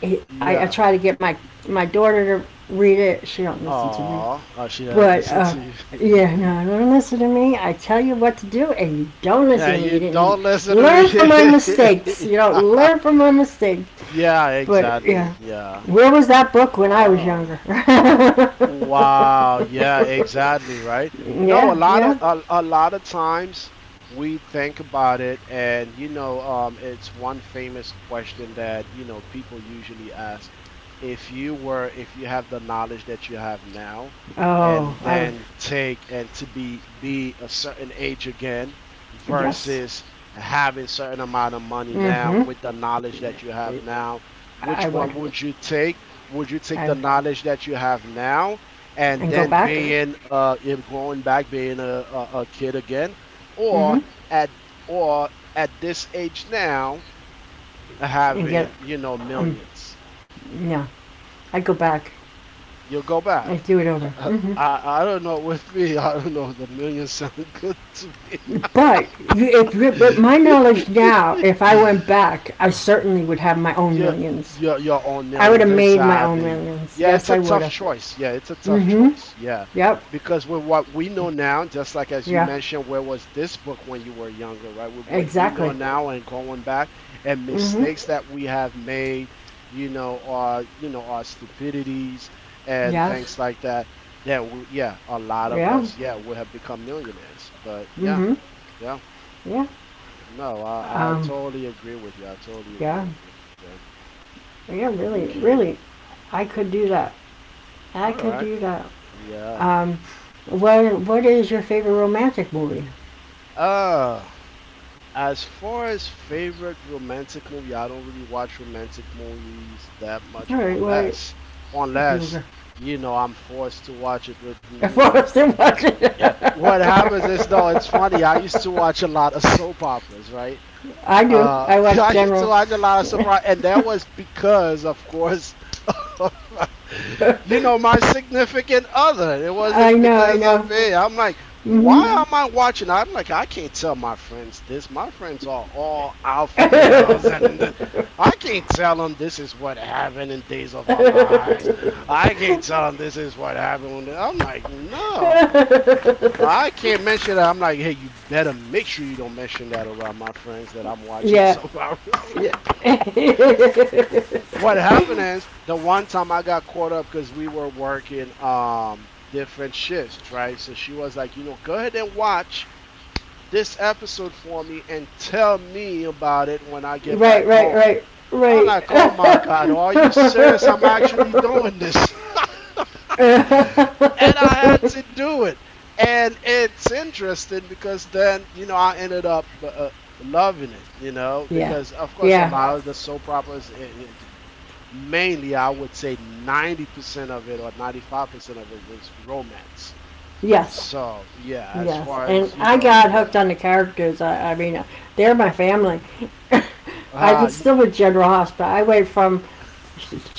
[SPEAKER 1] I
[SPEAKER 2] Yeah.
[SPEAKER 1] try to get my daughter to read it. She don't listen to me,
[SPEAKER 2] Aw. Oh, she doesn't
[SPEAKER 1] but
[SPEAKER 2] listen to
[SPEAKER 1] yeah,
[SPEAKER 2] you.
[SPEAKER 1] no, don't listen to me. I tell you what to do, and you don't listen
[SPEAKER 2] yeah,
[SPEAKER 1] to me.
[SPEAKER 2] you
[SPEAKER 1] You didn't
[SPEAKER 2] don't listen to
[SPEAKER 1] learn from my mistakes.
[SPEAKER 2] me.
[SPEAKER 1] You don't learn from my mistakes.
[SPEAKER 2] yeah,
[SPEAKER 1] But yeah,
[SPEAKER 2] exactly. Yeah.
[SPEAKER 1] where was that book when I was
[SPEAKER 2] Wow.
[SPEAKER 1] younger? yeah,
[SPEAKER 2] Wow. Yeah, exactly. Right. No,
[SPEAKER 1] yeah.
[SPEAKER 2] a lot of times we think about it, and you know, it's one famous question that you know people usually ask. If you have the knowledge that you have now,
[SPEAKER 1] Oh,
[SPEAKER 2] and
[SPEAKER 1] I was
[SPEAKER 2] then take and to be a certain age again
[SPEAKER 1] yes,
[SPEAKER 2] versus having certain amount of money now
[SPEAKER 1] mm-hmm.
[SPEAKER 2] with the knowledge that you have now which
[SPEAKER 1] I
[SPEAKER 2] one
[SPEAKER 1] would.
[SPEAKER 2] would you take
[SPEAKER 1] I
[SPEAKER 2] the
[SPEAKER 1] would.
[SPEAKER 2] knowledge that you have now and
[SPEAKER 1] And go
[SPEAKER 2] then
[SPEAKER 1] back.
[SPEAKER 2] being if going back being a kid again or
[SPEAKER 1] Mm-hmm.
[SPEAKER 2] at or at this age now
[SPEAKER 1] And get
[SPEAKER 2] having you know
[SPEAKER 1] um.
[SPEAKER 2] millions
[SPEAKER 1] Yeah, I'd go back.
[SPEAKER 2] you'll go
[SPEAKER 1] I
[SPEAKER 2] back.
[SPEAKER 1] do it over. Mm-hmm.
[SPEAKER 2] I don't know. With me, I don't know. The millions sound good to
[SPEAKER 1] But you, if you- with my knowledge
[SPEAKER 2] me.
[SPEAKER 1] now, if I went back, I certainly would have my own
[SPEAKER 2] Yeah,
[SPEAKER 1] millions.
[SPEAKER 2] you're on
[SPEAKER 1] I would have
[SPEAKER 2] millions.
[SPEAKER 1] made my own
[SPEAKER 2] Exactly.
[SPEAKER 1] millions.
[SPEAKER 2] Yeah,
[SPEAKER 1] Yes,
[SPEAKER 2] it's a
[SPEAKER 1] I would
[SPEAKER 2] tough
[SPEAKER 1] have.
[SPEAKER 2] choice. Yeah, it's a tough
[SPEAKER 1] Mm-hmm.
[SPEAKER 2] choice. Yeah.
[SPEAKER 1] Yep.
[SPEAKER 2] Because with what we know now, just like as you
[SPEAKER 1] Yeah.
[SPEAKER 2] mentioned, where was this book when you were younger, right? With what you know
[SPEAKER 1] Exactly.
[SPEAKER 2] now and going back and
[SPEAKER 1] Mm-hmm.
[SPEAKER 2] mistakes that we have made, you know, our stupidities and
[SPEAKER 1] Yes.
[SPEAKER 2] things like that, then, yeah, a lot of
[SPEAKER 1] Yeah.
[SPEAKER 2] us, yeah, would have become millionaires. But yeah,
[SPEAKER 1] Mm-hmm.
[SPEAKER 2] yeah.
[SPEAKER 1] Yeah.
[SPEAKER 2] No, I
[SPEAKER 1] Um.
[SPEAKER 2] totally agree with you. I totally agree
[SPEAKER 1] Yeah.
[SPEAKER 2] with you. Yeah.
[SPEAKER 1] Yeah. Really.
[SPEAKER 2] Okay.
[SPEAKER 1] Really. I could do that. I
[SPEAKER 2] All
[SPEAKER 1] could
[SPEAKER 2] right.
[SPEAKER 1] do that.
[SPEAKER 2] Yeah.
[SPEAKER 1] Um, what is your favorite romantic movie?
[SPEAKER 2] Uh, as far as favorite romantic movie, I don't really watch romantic movies that much
[SPEAKER 1] All right, well, if you
[SPEAKER 2] unless
[SPEAKER 1] were
[SPEAKER 2] you know I'm forced to watch it with you
[SPEAKER 1] if I
[SPEAKER 2] know.
[SPEAKER 1] watch
[SPEAKER 2] Yeah.
[SPEAKER 1] it,
[SPEAKER 2] What happens is though it's funny. I used to watch a lot of soap operas, right?
[SPEAKER 1] I do.
[SPEAKER 2] Uh,
[SPEAKER 1] I watch
[SPEAKER 2] I
[SPEAKER 1] General.
[SPEAKER 2] so I had a lot of surprise, and that was because, of course, of, you know, my significant other. It
[SPEAKER 1] I
[SPEAKER 2] wasn't
[SPEAKER 1] know, I
[SPEAKER 2] because of
[SPEAKER 1] know.
[SPEAKER 2] me. I'm like, why
[SPEAKER 1] Mhm.
[SPEAKER 2] am I watching? I'm like, I can't tell my friends this. My friends are all alpha males, and I can't tell them this is what happened in Days of Our Lives. I can't tell them this is what happened. When they-" I'm like, no. I can't mention that. I'm like, hey, you better make sure you don't mention that around my friends that I'm watching
[SPEAKER 1] yeah,
[SPEAKER 2] Survivors.
[SPEAKER 1] yeah.
[SPEAKER 2] What happened is the one time I got caught up because we were working different shifts, right? So she was like, you know, go ahead and watch this episode for me and tell me about it when I get
[SPEAKER 1] right,
[SPEAKER 2] back
[SPEAKER 1] right,
[SPEAKER 2] home.
[SPEAKER 1] right,
[SPEAKER 2] I'm
[SPEAKER 1] right.
[SPEAKER 2] like, oh my god, are you serious? I'm actually doing this. And I had to do it. And it's interesting because then, you know, I ended up loving it, you know,
[SPEAKER 1] yeah,
[SPEAKER 2] because of course a
[SPEAKER 1] yeah,
[SPEAKER 2] lot of the soap operas, it's mainly, I would say 90% of it or 95% of it is romance.
[SPEAKER 1] yes.
[SPEAKER 2] So, yeah, as
[SPEAKER 1] Yes,
[SPEAKER 2] far
[SPEAKER 1] and
[SPEAKER 2] as, you
[SPEAKER 1] I
[SPEAKER 2] know,
[SPEAKER 1] got hooked
[SPEAKER 2] yeah.
[SPEAKER 1] on the characters. I mean, they're my family. I've
[SPEAKER 2] Uh,
[SPEAKER 1] been still with General Hospital. I wait from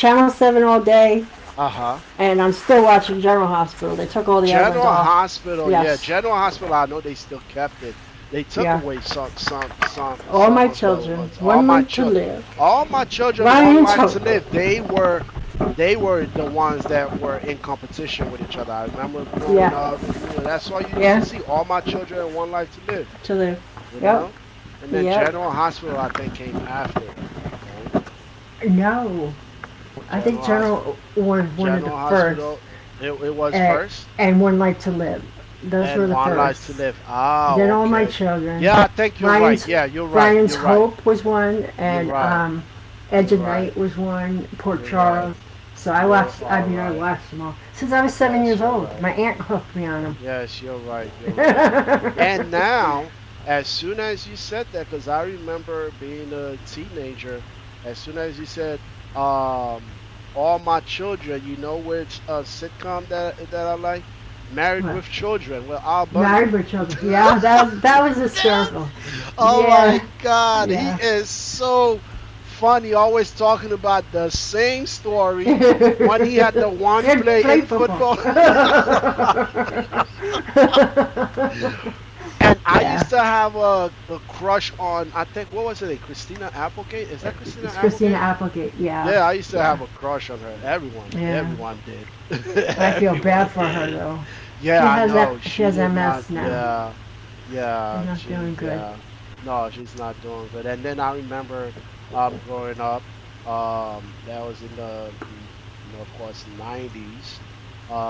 [SPEAKER 1] Channel 7 all day,
[SPEAKER 2] uh huh.
[SPEAKER 1] and I'm still watching General Hospital. They took all the other ones
[SPEAKER 2] General
[SPEAKER 1] off.
[SPEAKER 2] Hospital, yeah,
[SPEAKER 1] Yes,
[SPEAKER 2] General Hospital. I know they still kept it. They took
[SPEAKER 1] yeah.
[SPEAKER 2] away
[SPEAKER 1] All
[SPEAKER 2] some
[SPEAKER 1] my
[SPEAKER 2] of the
[SPEAKER 1] children,
[SPEAKER 2] ones.
[SPEAKER 1] one life to live.
[SPEAKER 2] All my children, one
[SPEAKER 1] Ryan's
[SPEAKER 2] life
[SPEAKER 1] hope.
[SPEAKER 2] to live. They were the ones that were in competition with each other. I remember growing
[SPEAKER 1] Yeah,
[SPEAKER 2] up. You know, that's all you used to
[SPEAKER 1] yeah,
[SPEAKER 2] see. All my children, and one life to live.
[SPEAKER 1] to live.
[SPEAKER 2] You
[SPEAKER 1] Yep,
[SPEAKER 2] know, and then
[SPEAKER 1] yep.
[SPEAKER 2] General Hospital, I think, came after though, right?
[SPEAKER 1] No, I think
[SPEAKER 2] General Hospital,
[SPEAKER 1] General was one of the
[SPEAKER 2] General
[SPEAKER 1] first,
[SPEAKER 2] Hospital. It was
[SPEAKER 1] at,
[SPEAKER 2] first.
[SPEAKER 1] and One Life to Live. Those
[SPEAKER 2] And
[SPEAKER 1] were the
[SPEAKER 2] one life to
[SPEAKER 1] first.
[SPEAKER 2] live.
[SPEAKER 1] And
[SPEAKER 2] Ah,
[SPEAKER 1] then all my
[SPEAKER 2] okay.
[SPEAKER 1] children.
[SPEAKER 2] Yeah, I think you're right.
[SPEAKER 1] Ryan's
[SPEAKER 2] Yeah, you're right.
[SPEAKER 1] Ryan's
[SPEAKER 2] You're right.
[SPEAKER 1] Hope was one,
[SPEAKER 2] You're
[SPEAKER 1] and
[SPEAKER 2] right.
[SPEAKER 1] Edge
[SPEAKER 2] You're
[SPEAKER 1] of Night
[SPEAKER 2] right.
[SPEAKER 1] was one. Port
[SPEAKER 2] You're right.
[SPEAKER 1] Charles. So I
[SPEAKER 2] You
[SPEAKER 1] watched. I
[SPEAKER 2] are
[SPEAKER 1] mean, I
[SPEAKER 2] right.
[SPEAKER 1] watched them all since I was seven
[SPEAKER 2] Yes,
[SPEAKER 1] years
[SPEAKER 2] you're
[SPEAKER 1] old.
[SPEAKER 2] right.
[SPEAKER 1] My aunt hooked me on them.
[SPEAKER 2] Yes, you're right. You're right. And now, as soon as you said that, because I remember being a teenager, as soon as you said, um, all my children, you know which sitcom that I like? Married
[SPEAKER 1] what?
[SPEAKER 2] with Children with Al Bundy.
[SPEAKER 1] Married with Children. Yeah, that was
[SPEAKER 2] That
[SPEAKER 1] hysterical.
[SPEAKER 2] was— Oh my
[SPEAKER 1] Yeah,
[SPEAKER 2] God, he
[SPEAKER 1] yeah.
[SPEAKER 2] is so funny. Always talking about the same story when he had the
[SPEAKER 1] They
[SPEAKER 2] one
[SPEAKER 1] had
[SPEAKER 2] play
[SPEAKER 1] play
[SPEAKER 2] in
[SPEAKER 1] football.
[SPEAKER 2] football. And I
[SPEAKER 1] yeah,
[SPEAKER 2] used to have a crush on, I think, what was it, Christina Applegate? Is that Christina
[SPEAKER 1] it's Christina
[SPEAKER 2] Applegate?
[SPEAKER 1] Applegate. Yeah,
[SPEAKER 2] Yeah, I used to have
[SPEAKER 1] yeah.
[SPEAKER 2] a crush on her. Everyone,
[SPEAKER 1] Yeah,
[SPEAKER 2] everyone did.
[SPEAKER 1] I feel bad
[SPEAKER 2] Everyone
[SPEAKER 1] for her
[SPEAKER 2] did.
[SPEAKER 1] though.
[SPEAKER 2] Yeah,
[SPEAKER 1] She
[SPEAKER 2] I
[SPEAKER 1] has that.
[SPEAKER 2] know.
[SPEAKER 1] She
[SPEAKER 2] She
[SPEAKER 1] has
[SPEAKER 2] did
[SPEAKER 1] MS
[SPEAKER 2] not.
[SPEAKER 1] now.
[SPEAKER 2] Yeah,
[SPEAKER 1] She's
[SPEAKER 2] yeah.
[SPEAKER 1] not doing
[SPEAKER 2] She,
[SPEAKER 1] good.
[SPEAKER 2] yeah. No, she's not doing good. And then I remember, growing up, that was in the, of course, 90s.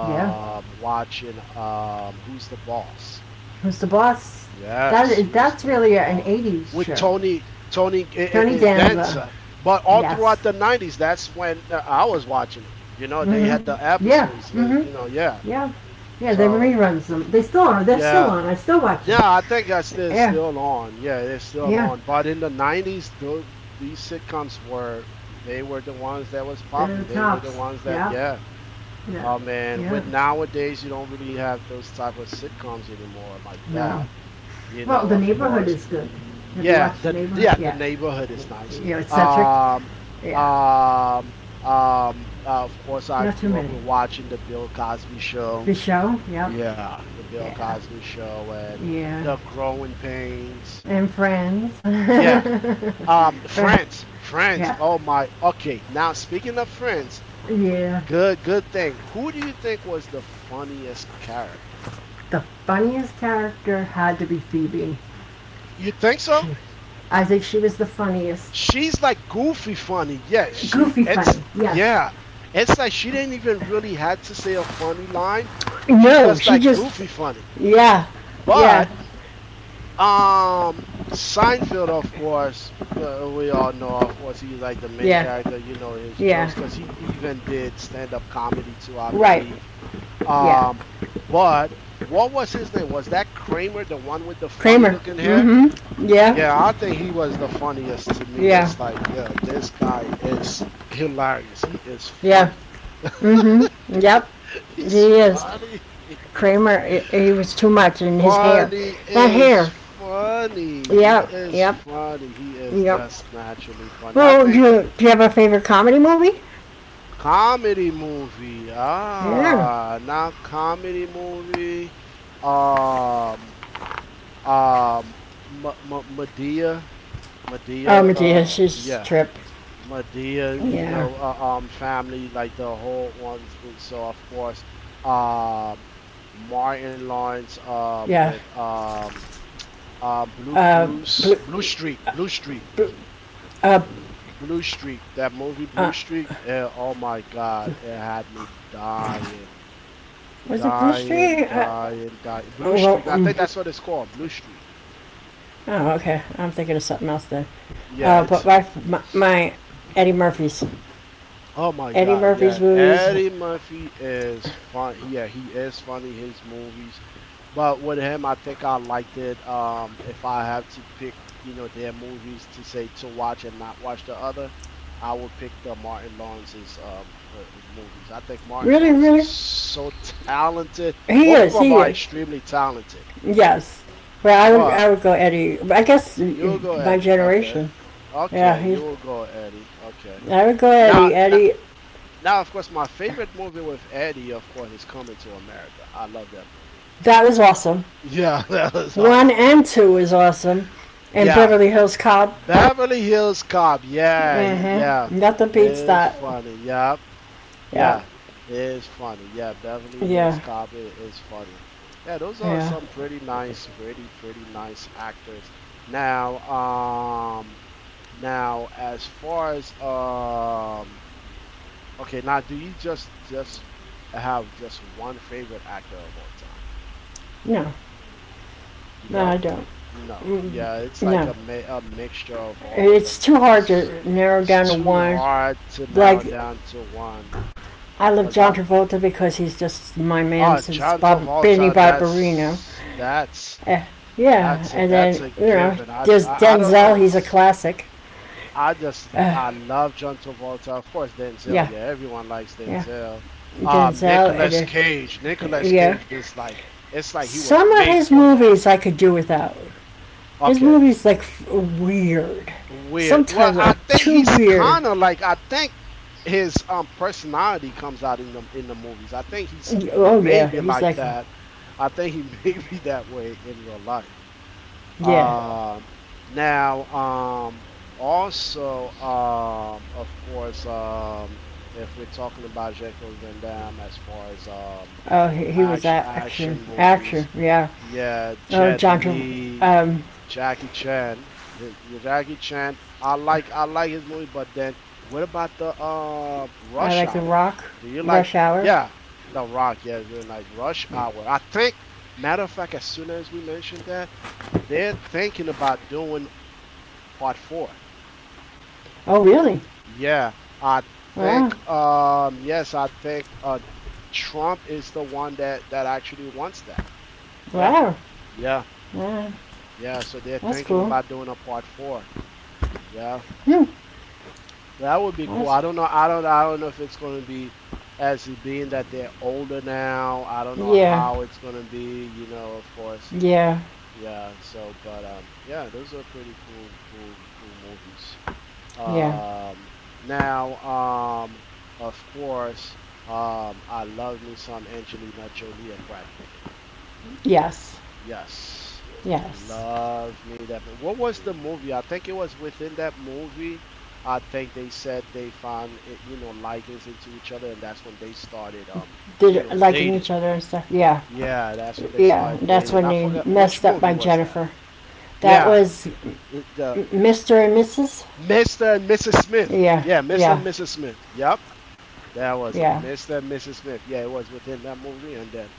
[SPEAKER 1] Yeah,
[SPEAKER 2] Watching, Who's the Boss?
[SPEAKER 1] who's the boss? That
[SPEAKER 2] Yes,
[SPEAKER 1] is,
[SPEAKER 2] who's
[SPEAKER 1] that's
[SPEAKER 2] the
[SPEAKER 1] really an
[SPEAKER 2] boss?
[SPEAKER 1] '80s
[SPEAKER 2] With
[SPEAKER 1] show.
[SPEAKER 2] Tony Tony eh, eh,
[SPEAKER 1] Tony
[SPEAKER 2] eh,
[SPEAKER 1] Danza.
[SPEAKER 2] Danza, but all
[SPEAKER 1] Yes.
[SPEAKER 2] throughout the '90s, that's when I was watching it. You know, they
[SPEAKER 1] Mhm.
[SPEAKER 2] had the
[SPEAKER 1] Yeah.
[SPEAKER 2] episodes.
[SPEAKER 1] Mhm.
[SPEAKER 2] You know, yeah.
[SPEAKER 1] Yeah. Yeah. They
[SPEAKER 2] So
[SPEAKER 1] reruns them. They still are. They're still
[SPEAKER 2] yeah,
[SPEAKER 1] on. I still watch
[SPEAKER 2] yeah.
[SPEAKER 1] them.
[SPEAKER 2] I think that's still
[SPEAKER 1] Yeah.
[SPEAKER 2] still on. Yeah, it's still
[SPEAKER 1] Yeah.
[SPEAKER 2] on. But in the '90s, these sitcoms were they were the ones that was
[SPEAKER 1] They're
[SPEAKER 2] popping.
[SPEAKER 1] the
[SPEAKER 2] They were the
[SPEAKER 1] tops.
[SPEAKER 2] ones that
[SPEAKER 1] Yeah.
[SPEAKER 2] yeah.
[SPEAKER 1] Yeah.
[SPEAKER 2] Oh man,
[SPEAKER 1] Yeah.
[SPEAKER 2] with nowadays you don't really have those type of sitcoms anymore like
[SPEAKER 1] No.
[SPEAKER 2] that. You
[SPEAKER 1] Well,
[SPEAKER 2] know,
[SPEAKER 1] the
[SPEAKER 2] of Mhm.
[SPEAKER 1] neighborhood
[SPEAKER 2] course,
[SPEAKER 1] is good. Have you
[SPEAKER 2] yeah,
[SPEAKER 1] watched the
[SPEAKER 2] the
[SPEAKER 1] neighborhood?
[SPEAKER 2] yeah the
[SPEAKER 1] Yeah.
[SPEAKER 2] neighborhood is nice.
[SPEAKER 1] You know, it's Cedric.
[SPEAKER 2] Um,
[SPEAKER 1] Yeah.
[SPEAKER 2] um, of course, I
[SPEAKER 1] Not too
[SPEAKER 2] grew
[SPEAKER 1] many.
[SPEAKER 2] up with watching the Bill Cosby
[SPEAKER 1] The
[SPEAKER 2] Show.
[SPEAKER 1] show. Yep.
[SPEAKER 2] Yeah, the Bill
[SPEAKER 1] Yeah,
[SPEAKER 2] Cosby Show and
[SPEAKER 1] yeah,
[SPEAKER 2] the Growing Pains.
[SPEAKER 1] and friends.
[SPEAKER 2] Yeah.
[SPEAKER 1] friend,
[SPEAKER 2] Friends, Friends.
[SPEAKER 1] yeah,
[SPEAKER 2] Oh my. Okay. Now speaking of Friends,
[SPEAKER 1] yeah.
[SPEAKER 2] good, good thing. Who do you think was the funniest character?
[SPEAKER 1] The funniest character had to be Phoebe.
[SPEAKER 2] You think so?
[SPEAKER 1] She, I think she was the funniest.
[SPEAKER 2] She's like goofy funny. Yes, she
[SPEAKER 1] Goofy funny,
[SPEAKER 2] it's
[SPEAKER 1] yes.
[SPEAKER 2] yeah. It's like she didn't even really had to say a funny line. She's
[SPEAKER 1] No,
[SPEAKER 2] just
[SPEAKER 1] she
[SPEAKER 2] like
[SPEAKER 1] just,
[SPEAKER 2] goofy funny.
[SPEAKER 1] yeah,
[SPEAKER 2] But
[SPEAKER 1] yeah,
[SPEAKER 2] Seinfeld of course we all know of course he's like the main
[SPEAKER 1] yeah,
[SPEAKER 2] character, you know his
[SPEAKER 1] yeah.
[SPEAKER 2] jokes cuz he even did stand up comedy too, I
[SPEAKER 1] Right,
[SPEAKER 2] believe.
[SPEAKER 1] yeah.
[SPEAKER 2] Um but what was his name? Was that Kramer, the one with the funny
[SPEAKER 1] Kramer.
[SPEAKER 2] looking hair?
[SPEAKER 1] Mm-hmm. Yeah,
[SPEAKER 2] Yeah, I think he was the funniest to me.
[SPEAKER 1] yeah,
[SPEAKER 2] It's like, yeah, this guy is hilarious. He is
[SPEAKER 1] yeah.
[SPEAKER 2] funny.
[SPEAKER 1] Mm-hmm. Yep,
[SPEAKER 2] He's
[SPEAKER 1] he is.
[SPEAKER 2] funny.
[SPEAKER 1] Kramer, he was too much in his hair.
[SPEAKER 2] Funny
[SPEAKER 1] That
[SPEAKER 2] is
[SPEAKER 1] hair.
[SPEAKER 2] funny. He
[SPEAKER 1] Yep,
[SPEAKER 2] is
[SPEAKER 1] yep,
[SPEAKER 2] funny. He is
[SPEAKER 1] yep.
[SPEAKER 2] just naturally funny. I
[SPEAKER 1] Well,
[SPEAKER 2] think
[SPEAKER 1] do you have a
[SPEAKER 2] uh,
[SPEAKER 1] favorite comedy movie?
[SPEAKER 2] comedy movie.
[SPEAKER 1] Yeah.
[SPEAKER 2] Ah, not comedy movie. Um, um, M- Medea.
[SPEAKER 1] Oh,
[SPEAKER 2] Medea.
[SPEAKER 1] Matthias'
[SPEAKER 2] Yeah.
[SPEAKER 1] trip.
[SPEAKER 2] Medea, you
[SPEAKER 1] Yeah.
[SPEAKER 2] know, family, like the whole ones. So of course, um, Martin Lawrence,
[SPEAKER 1] Yeah.
[SPEAKER 2] with
[SPEAKER 1] Uh, bl-
[SPEAKER 2] Blue Streak,
[SPEAKER 1] bl- uh,
[SPEAKER 2] Blue Streak. That movie, Blue
[SPEAKER 1] uh,
[SPEAKER 2] Streak. Oh my God, it had me
[SPEAKER 1] was it Blue Street?
[SPEAKER 2] dying. Blue
[SPEAKER 1] Well,
[SPEAKER 2] Streak. I
[SPEAKER 1] um,
[SPEAKER 2] think that's what it's called, Blue Streak.
[SPEAKER 1] oh, okay. I'm thinking of something else then.
[SPEAKER 2] Yeah, it's—
[SPEAKER 1] My Eddie Murphy's
[SPEAKER 2] Oh my
[SPEAKER 1] Eddie
[SPEAKER 2] God,
[SPEAKER 1] Murphy's
[SPEAKER 2] yeah.
[SPEAKER 1] movies.
[SPEAKER 2] Eddie Murphy is fun. Yeah, he is funny, his movies. But with him, I think I liked it. If I have to pick, you know, their movies to say to watch and not watch the other, I would pick the Martin Lawrence's movies. I think Martin
[SPEAKER 1] Really,
[SPEAKER 2] Lawrence is
[SPEAKER 1] really,
[SPEAKER 2] so talented.
[SPEAKER 1] he
[SPEAKER 2] Both of
[SPEAKER 1] is.
[SPEAKER 2] them
[SPEAKER 1] He
[SPEAKER 2] are
[SPEAKER 1] is.
[SPEAKER 2] extremely talented.
[SPEAKER 1] Yes. Well,
[SPEAKER 2] But
[SPEAKER 1] I would go Eddie. I guess
[SPEAKER 2] you'll go
[SPEAKER 1] my
[SPEAKER 2] Eddie. Okay.
[SPEAKER 1] generation. Yeah,
[SPEAKER 2] Okay, you
[SPEAKER 1] he's.
[SPEAKER 2] will go Eddie. Okay.
[SPEAKER 1] I would go
[SPEAKER 2] Now,
[SPEAKER 1] Eddie.
[SPEAKER 2] now
[SPEAKER 1] Eddie.
[SPEAKER 2] Now, of course, my favorite movie with Eddie, of course, is Coming to America. I love that movie.
[SPEAKER 1] That was awesome.
[SPEAKER 2] Yeah,
[SPEAKER 1] One and two is awesome. And
[SPEAKER 2] yeah.
[SPEAKER 1] Beverly Hills Cop.
[SPEAKER 2] Beverly Hills Cop. Yeah, yeah.
[SPEAKER 1] Mm-hmm. Nothing beats
[SPEAKER 2] It's
[SPEAKER 1] that.
[SPEAKER 2] funny. Yep.
[SPEAKER 1] Yeah.
[SPEAKER 2] Yeah, it's funny. Yeah, Beverly Hills
[SPEAKER 1] Yeah.
[SPEAKER 2] Cop is funny. Yeah, those are
[SPEAKER 1] Yeah.
[SPEAKER 2] some pretty nice, pretty, pretty nice actors. Now, now as far as okay, now do you just have just one favorite actor of all time?
[SPEAKER 1] No.
[SPEAKER 2] You
[SPEAKER 1] No, I
[SPEAKER 2] don't?
[SPEAKER 1] don't.
[SPEAKER 2] No, yeah, it's like
[SPEAKER 1] No.
[SPEAKER 2] a a mixture of all of
[SPEAKER 1] It's
[SPEAKER 2] them
[SPEAKER 1] too hard
[SPEAKER 2] because
[SPEAKER 1] to narrow
[SPEAKER 2] it's
[SPEAKER 1] down to
[SPEAKER 2] too
[SPEAKER 1] one.
[SPEAKER 2] hard to
[SPEAKER 1] Like,
[SPEAKER 2] narrow down to one.
[SPEAKER 1] I love
[SPEAKER 2] Cause
[SPEAKER 1] John
[SPEAKER 2] I
[SPEAKER 1] Travolta because he's just my man
[SPEAKER 2] oh
[SPEAKER 1] since
[SPEAKER 2] John
[SPEAKER 1] Bob, Benny
[SPEAKER 2] Travolta,
[SPEAKER 1] Barbarino.
[SPEAKER 2] that's
[SPEAKER 1] Eh, yeah. And
[SPEAKER 2] that's
[SPEAKER 1] then,
[SPEAKER 2] a
[SPEAKER 1] you know,
[SPEAKER 2] given.
[SPEAKER 1] there's
[SPEAKER 2] I don't know.
[SPEAKER 1] Denzel. He's a
[SPEAKER 2] It's,
[SPEAKER 1] classic.
[SPEAKER 2] I just
[SPEAKER 1] Uh,
[SPEAKER 2] I love John Travolta. Of course, Denzel.
[SPEAKER 1] yeah.
[SPEAKER 2] Yeah, everyone likes
[SPEAKER 1] Yeah.
[SPEAKER 2] Denzel.
[SPEAKER 1] Denzel. And,
[SPEAKER 2] Nicolas Cage. Nicolas
[SPEAKER 1] yeah.
[SPEAKER 2] Cage is like it's like he was
[SPEAKER 1] Some of
[SPEAKER 2] made
[SPEAKER 1] his
[SPEAKER 2] for that.
[SPEAKER 1] movies I could do without. His
[SPEAKER 2] Okay.
[SPEAKER 1] movies like weird.
[SPEAKER 2] Weird. Well,
[SPEAKER 1] Sometimes
[SPEAKER 2] I
[SPEAKER 1] are
[SPEAKER 2] think
[SPEAKER 1] too
[SPEAKER 2] he's
[SPEAKER 1] weird.
[SPEAKER 2] kind of like I think his personality comes out in the movies. I think he's
[SPEAKER 1] Oh yeah,
[SPEAKER 2] maybe
[SPEAKER 1] he's
[SPEAKER 2] like
[SPEAKER 1] like oh,
[SPEAKER 2] that. I think he may be that way in real life.
[SPEAKER 1] yeah.
[SPEAKER 2] Um, now, um, of course, if we're talking about Jean Claude Van Damme as far as
[SPEAKER 1] Oh, he was action,
[SPEAKER 2] action
[SPEAKER 1] action,
[SPEAKER 2] movies,
[SPEAKER 1] yeah.
[SPEAKER 2] yeah,
[SPEAKER 1] Oh,
[SPEAKER 2] Jet
[SPEAKER 1] John, Travolta.
[SPEAKER 2] Li,
[SPEAKER 1] um,
[SPEAKER 2] Jackie Chan. Hey, yeah, Jackie Chan. I like his movie, but then what about the
[SPEAKER 1] I
[SPEAKER 2] Rush
[SPEAKER 1] like The
[SPEAKER 2] Hour?
[SPEAKER 1] Rock,
[SPEAKER 2] Do you like
[SPEAKER 1] Rush Hour.
[SPEAKER 2] yeah, The Rock, yeah, it's really nice. Rush Hour. I think matter of fact, as soon as we mentioned that, they're thinking about doing part four.
[SPEAKER 1] Oh really?
[SPEAKER 2] Yeah, I
[SPEAKER 1] Wow,
[SPEAKER 2] think yes, I think Trump is the one that actually wants that. Yeah,
[SPEAKER 1] wow,
[SPEAKER 2] yeah.
[SPEAKER 1] wow.
[SPEAKER 2] Yeah, so they're
[SPEAKER 1] That's
[SPEAKER 2] thinking
[SPEAKER 1] cool.
[SPEAKER 2] about doing a part four. Yeah,
[SPEAKER 1] Hmm.
[SPEAKER 2] that would be cool.
[SPEAKER 1] That's,
[SPEAKER 2] I don't know. I don't. I don't know if it's going to be as it being that they're older now. I don't know
[SPEAKER 1] yeah,
[SPEAKER 2] how it's going to be. You know, of course.
[SPEAKER 1] yeah,
[SPEAKER 2] Yeah. So, but yeah, those are pretty cool, cool, cool movies.
[SPEAKER 1] yeah.
[SPEAKER 2] Um, now, um, of course, I love me some Angelina Jolie and Brad Pitt.
[SPEAKER 1] Yes,
[SPEAKER 2] Yes.
[SPEAKER 1] yes.
[SPEAKER 2] Love me that. What was the movie? I think it was within that movie. I think they said they found it, you know, likings into each other, and that's when they started, you
[SPEAKER 1] Did
[SPEAKER 2] know,
[SPEAKER 1] liking each
[SPEAKER 2] dating.
[SPEAKER 1] other and stuff. Yeah,
[SPEAKER 2] Yeah, that's when they
[SPEAKER 1] yeah.
[SPEAKER 2] started
[SPEAKER 1] That's
[SPEAKER 2] dating.
[SPEAKER 1] when
[SPEAKER 2] I forgot
[SPEAKER 1] he
[SPEAKER 2] which
[SPEAKER 1] messed up by
[SPEAKER 2] movie was that.
[SPEAKER 1] Jennifer. That
[SPEAKER 2] Yeah,
[SPEAKER 1] was
[SPEAKER 2] the
[SPEAKER 1] Mr. and Mrs.
[SPEAKER 2] Mr. and Mrs. Smith.
[SPEAKER 1] Yeah,
[SPEAKER 2] Yeah, Mr. and
[SPEAKER 1] yeah,
[SPEAKER 2] Mrs. Smith. Yep, that was it.
[SPEAKER 1] yeah,
[SPEAKER 2] Mr. and Mrs. Smith. Yeah, it was within that movie, and then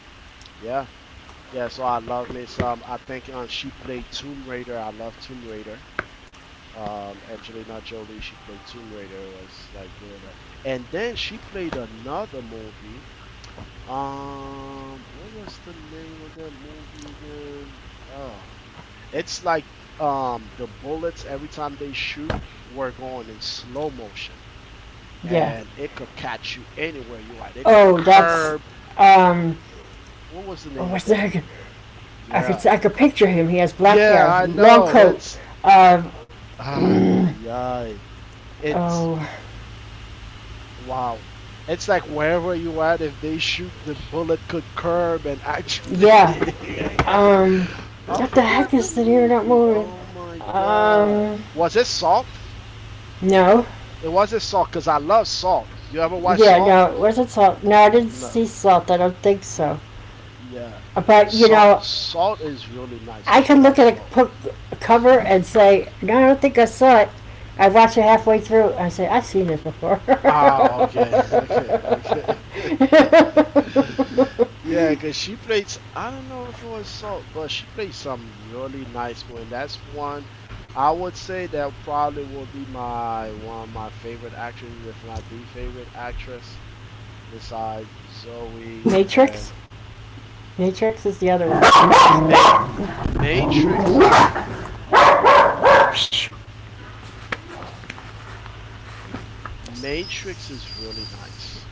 [SPEAKER 2] yeah, yeah. So I love me some. I think she played Tomb Raider. I love Tomb Raider. Angelina Jolie, she played Tomb Raider, was like really nice. And then she played another movie. What was the name of that movie again? Oh, it's like the bullets every time they shoot were going in slow motion,
[SPEAKER 1] yeah.
[SPEAKER 2] and it could catch you anywhere you are. It could
[SPEAKER 1] Oh, that's
[SPEAKER 2] curb.
[SPEAKER 1] um.
[SPEAKER 2] What was the
[SPEAKER 1] Oh,
[SPEAKER 2] name of
[SPEAKER 1] what's that?
[SPEAKER 2] that movie?
[SPEAKER 1] I
[SPEAKER 2] Yeah,
[SPEAKER 1] could picture him. He has black
[SPEAKER 2] yeah,
[SPEAKER 1] hair,
[SPEAKER 2] I
[SPEAKER 1] long
[SPEAKER 2] know.
[SPEAKER 1] coat.
[SPEAKER 2] It's
[SPEAKER 1] Uh,
[SPEAKER 2] ah, yeah,
[SPEAKER 1] mm,
[SPEAKER 2] yeah. It's—
[SPEAKER 1] oh,
[SPEAKER 2] Wow. It's like wherever you at, if they shoot, the bullet could curb and actually.
[SPEAKER 1] yeah.
[SPEAKER 2] I got you.
[SPEAKER 1] Um,
[SPEAKER 2] I
[SPEAKER 1] what the heck
[SPEAKER 2] forgot the
[SPEAKER 1] is the name of that
[SPEAKER 2] movie.
[SPEAKER 1] movie?
[SPEAKER 2] Oh my god.
[SPEAKER 1] Um,
[SPEAKER 2] Was it Salt?
[SPEAKER 1] no.
[SPEAKER 2] It wasn't Salt because I love Salt. You ever watch
[SPEAKER 1] Yeah,
[SPEAKER 2] Salt?
[SPEAKER 1] no. Was it salt? No, I didn't
[SPEAKER 2] No.
[SPEAKER 1] see salt. I don't think so.
[SPEAKER 2] Yeah.
[SPEAKER 1] But you know,
[SPEAKER 2] Salt is really nice. You
[SPEAKER 1] I
[SPEAKER 2] should
[SPEAKER 1] can look
[SPEAKER 2] watch
[SPEAKER 1] at
[SPEAKER 2] Salt.
[SPEAKER 1] a book cover and say, "No, I don't think I saw it." I watch it halfway through. I say, "I've seen this before."
[SPEAKER 2] Oh, okay, okay, okay. Yeah, because she played, I don't know if it was Salt, but she played some really nice one. That's one I would say that probably will be my one of my favorite actresses, if not the favorite actress, besides Zoe
[SPEAKER 1] Matrix.
[SPEAKER 2] and
[SPEAKER 1] Matrix is the other one.
[SPEAKER 2] Ma Matrix. Matrix is really nice.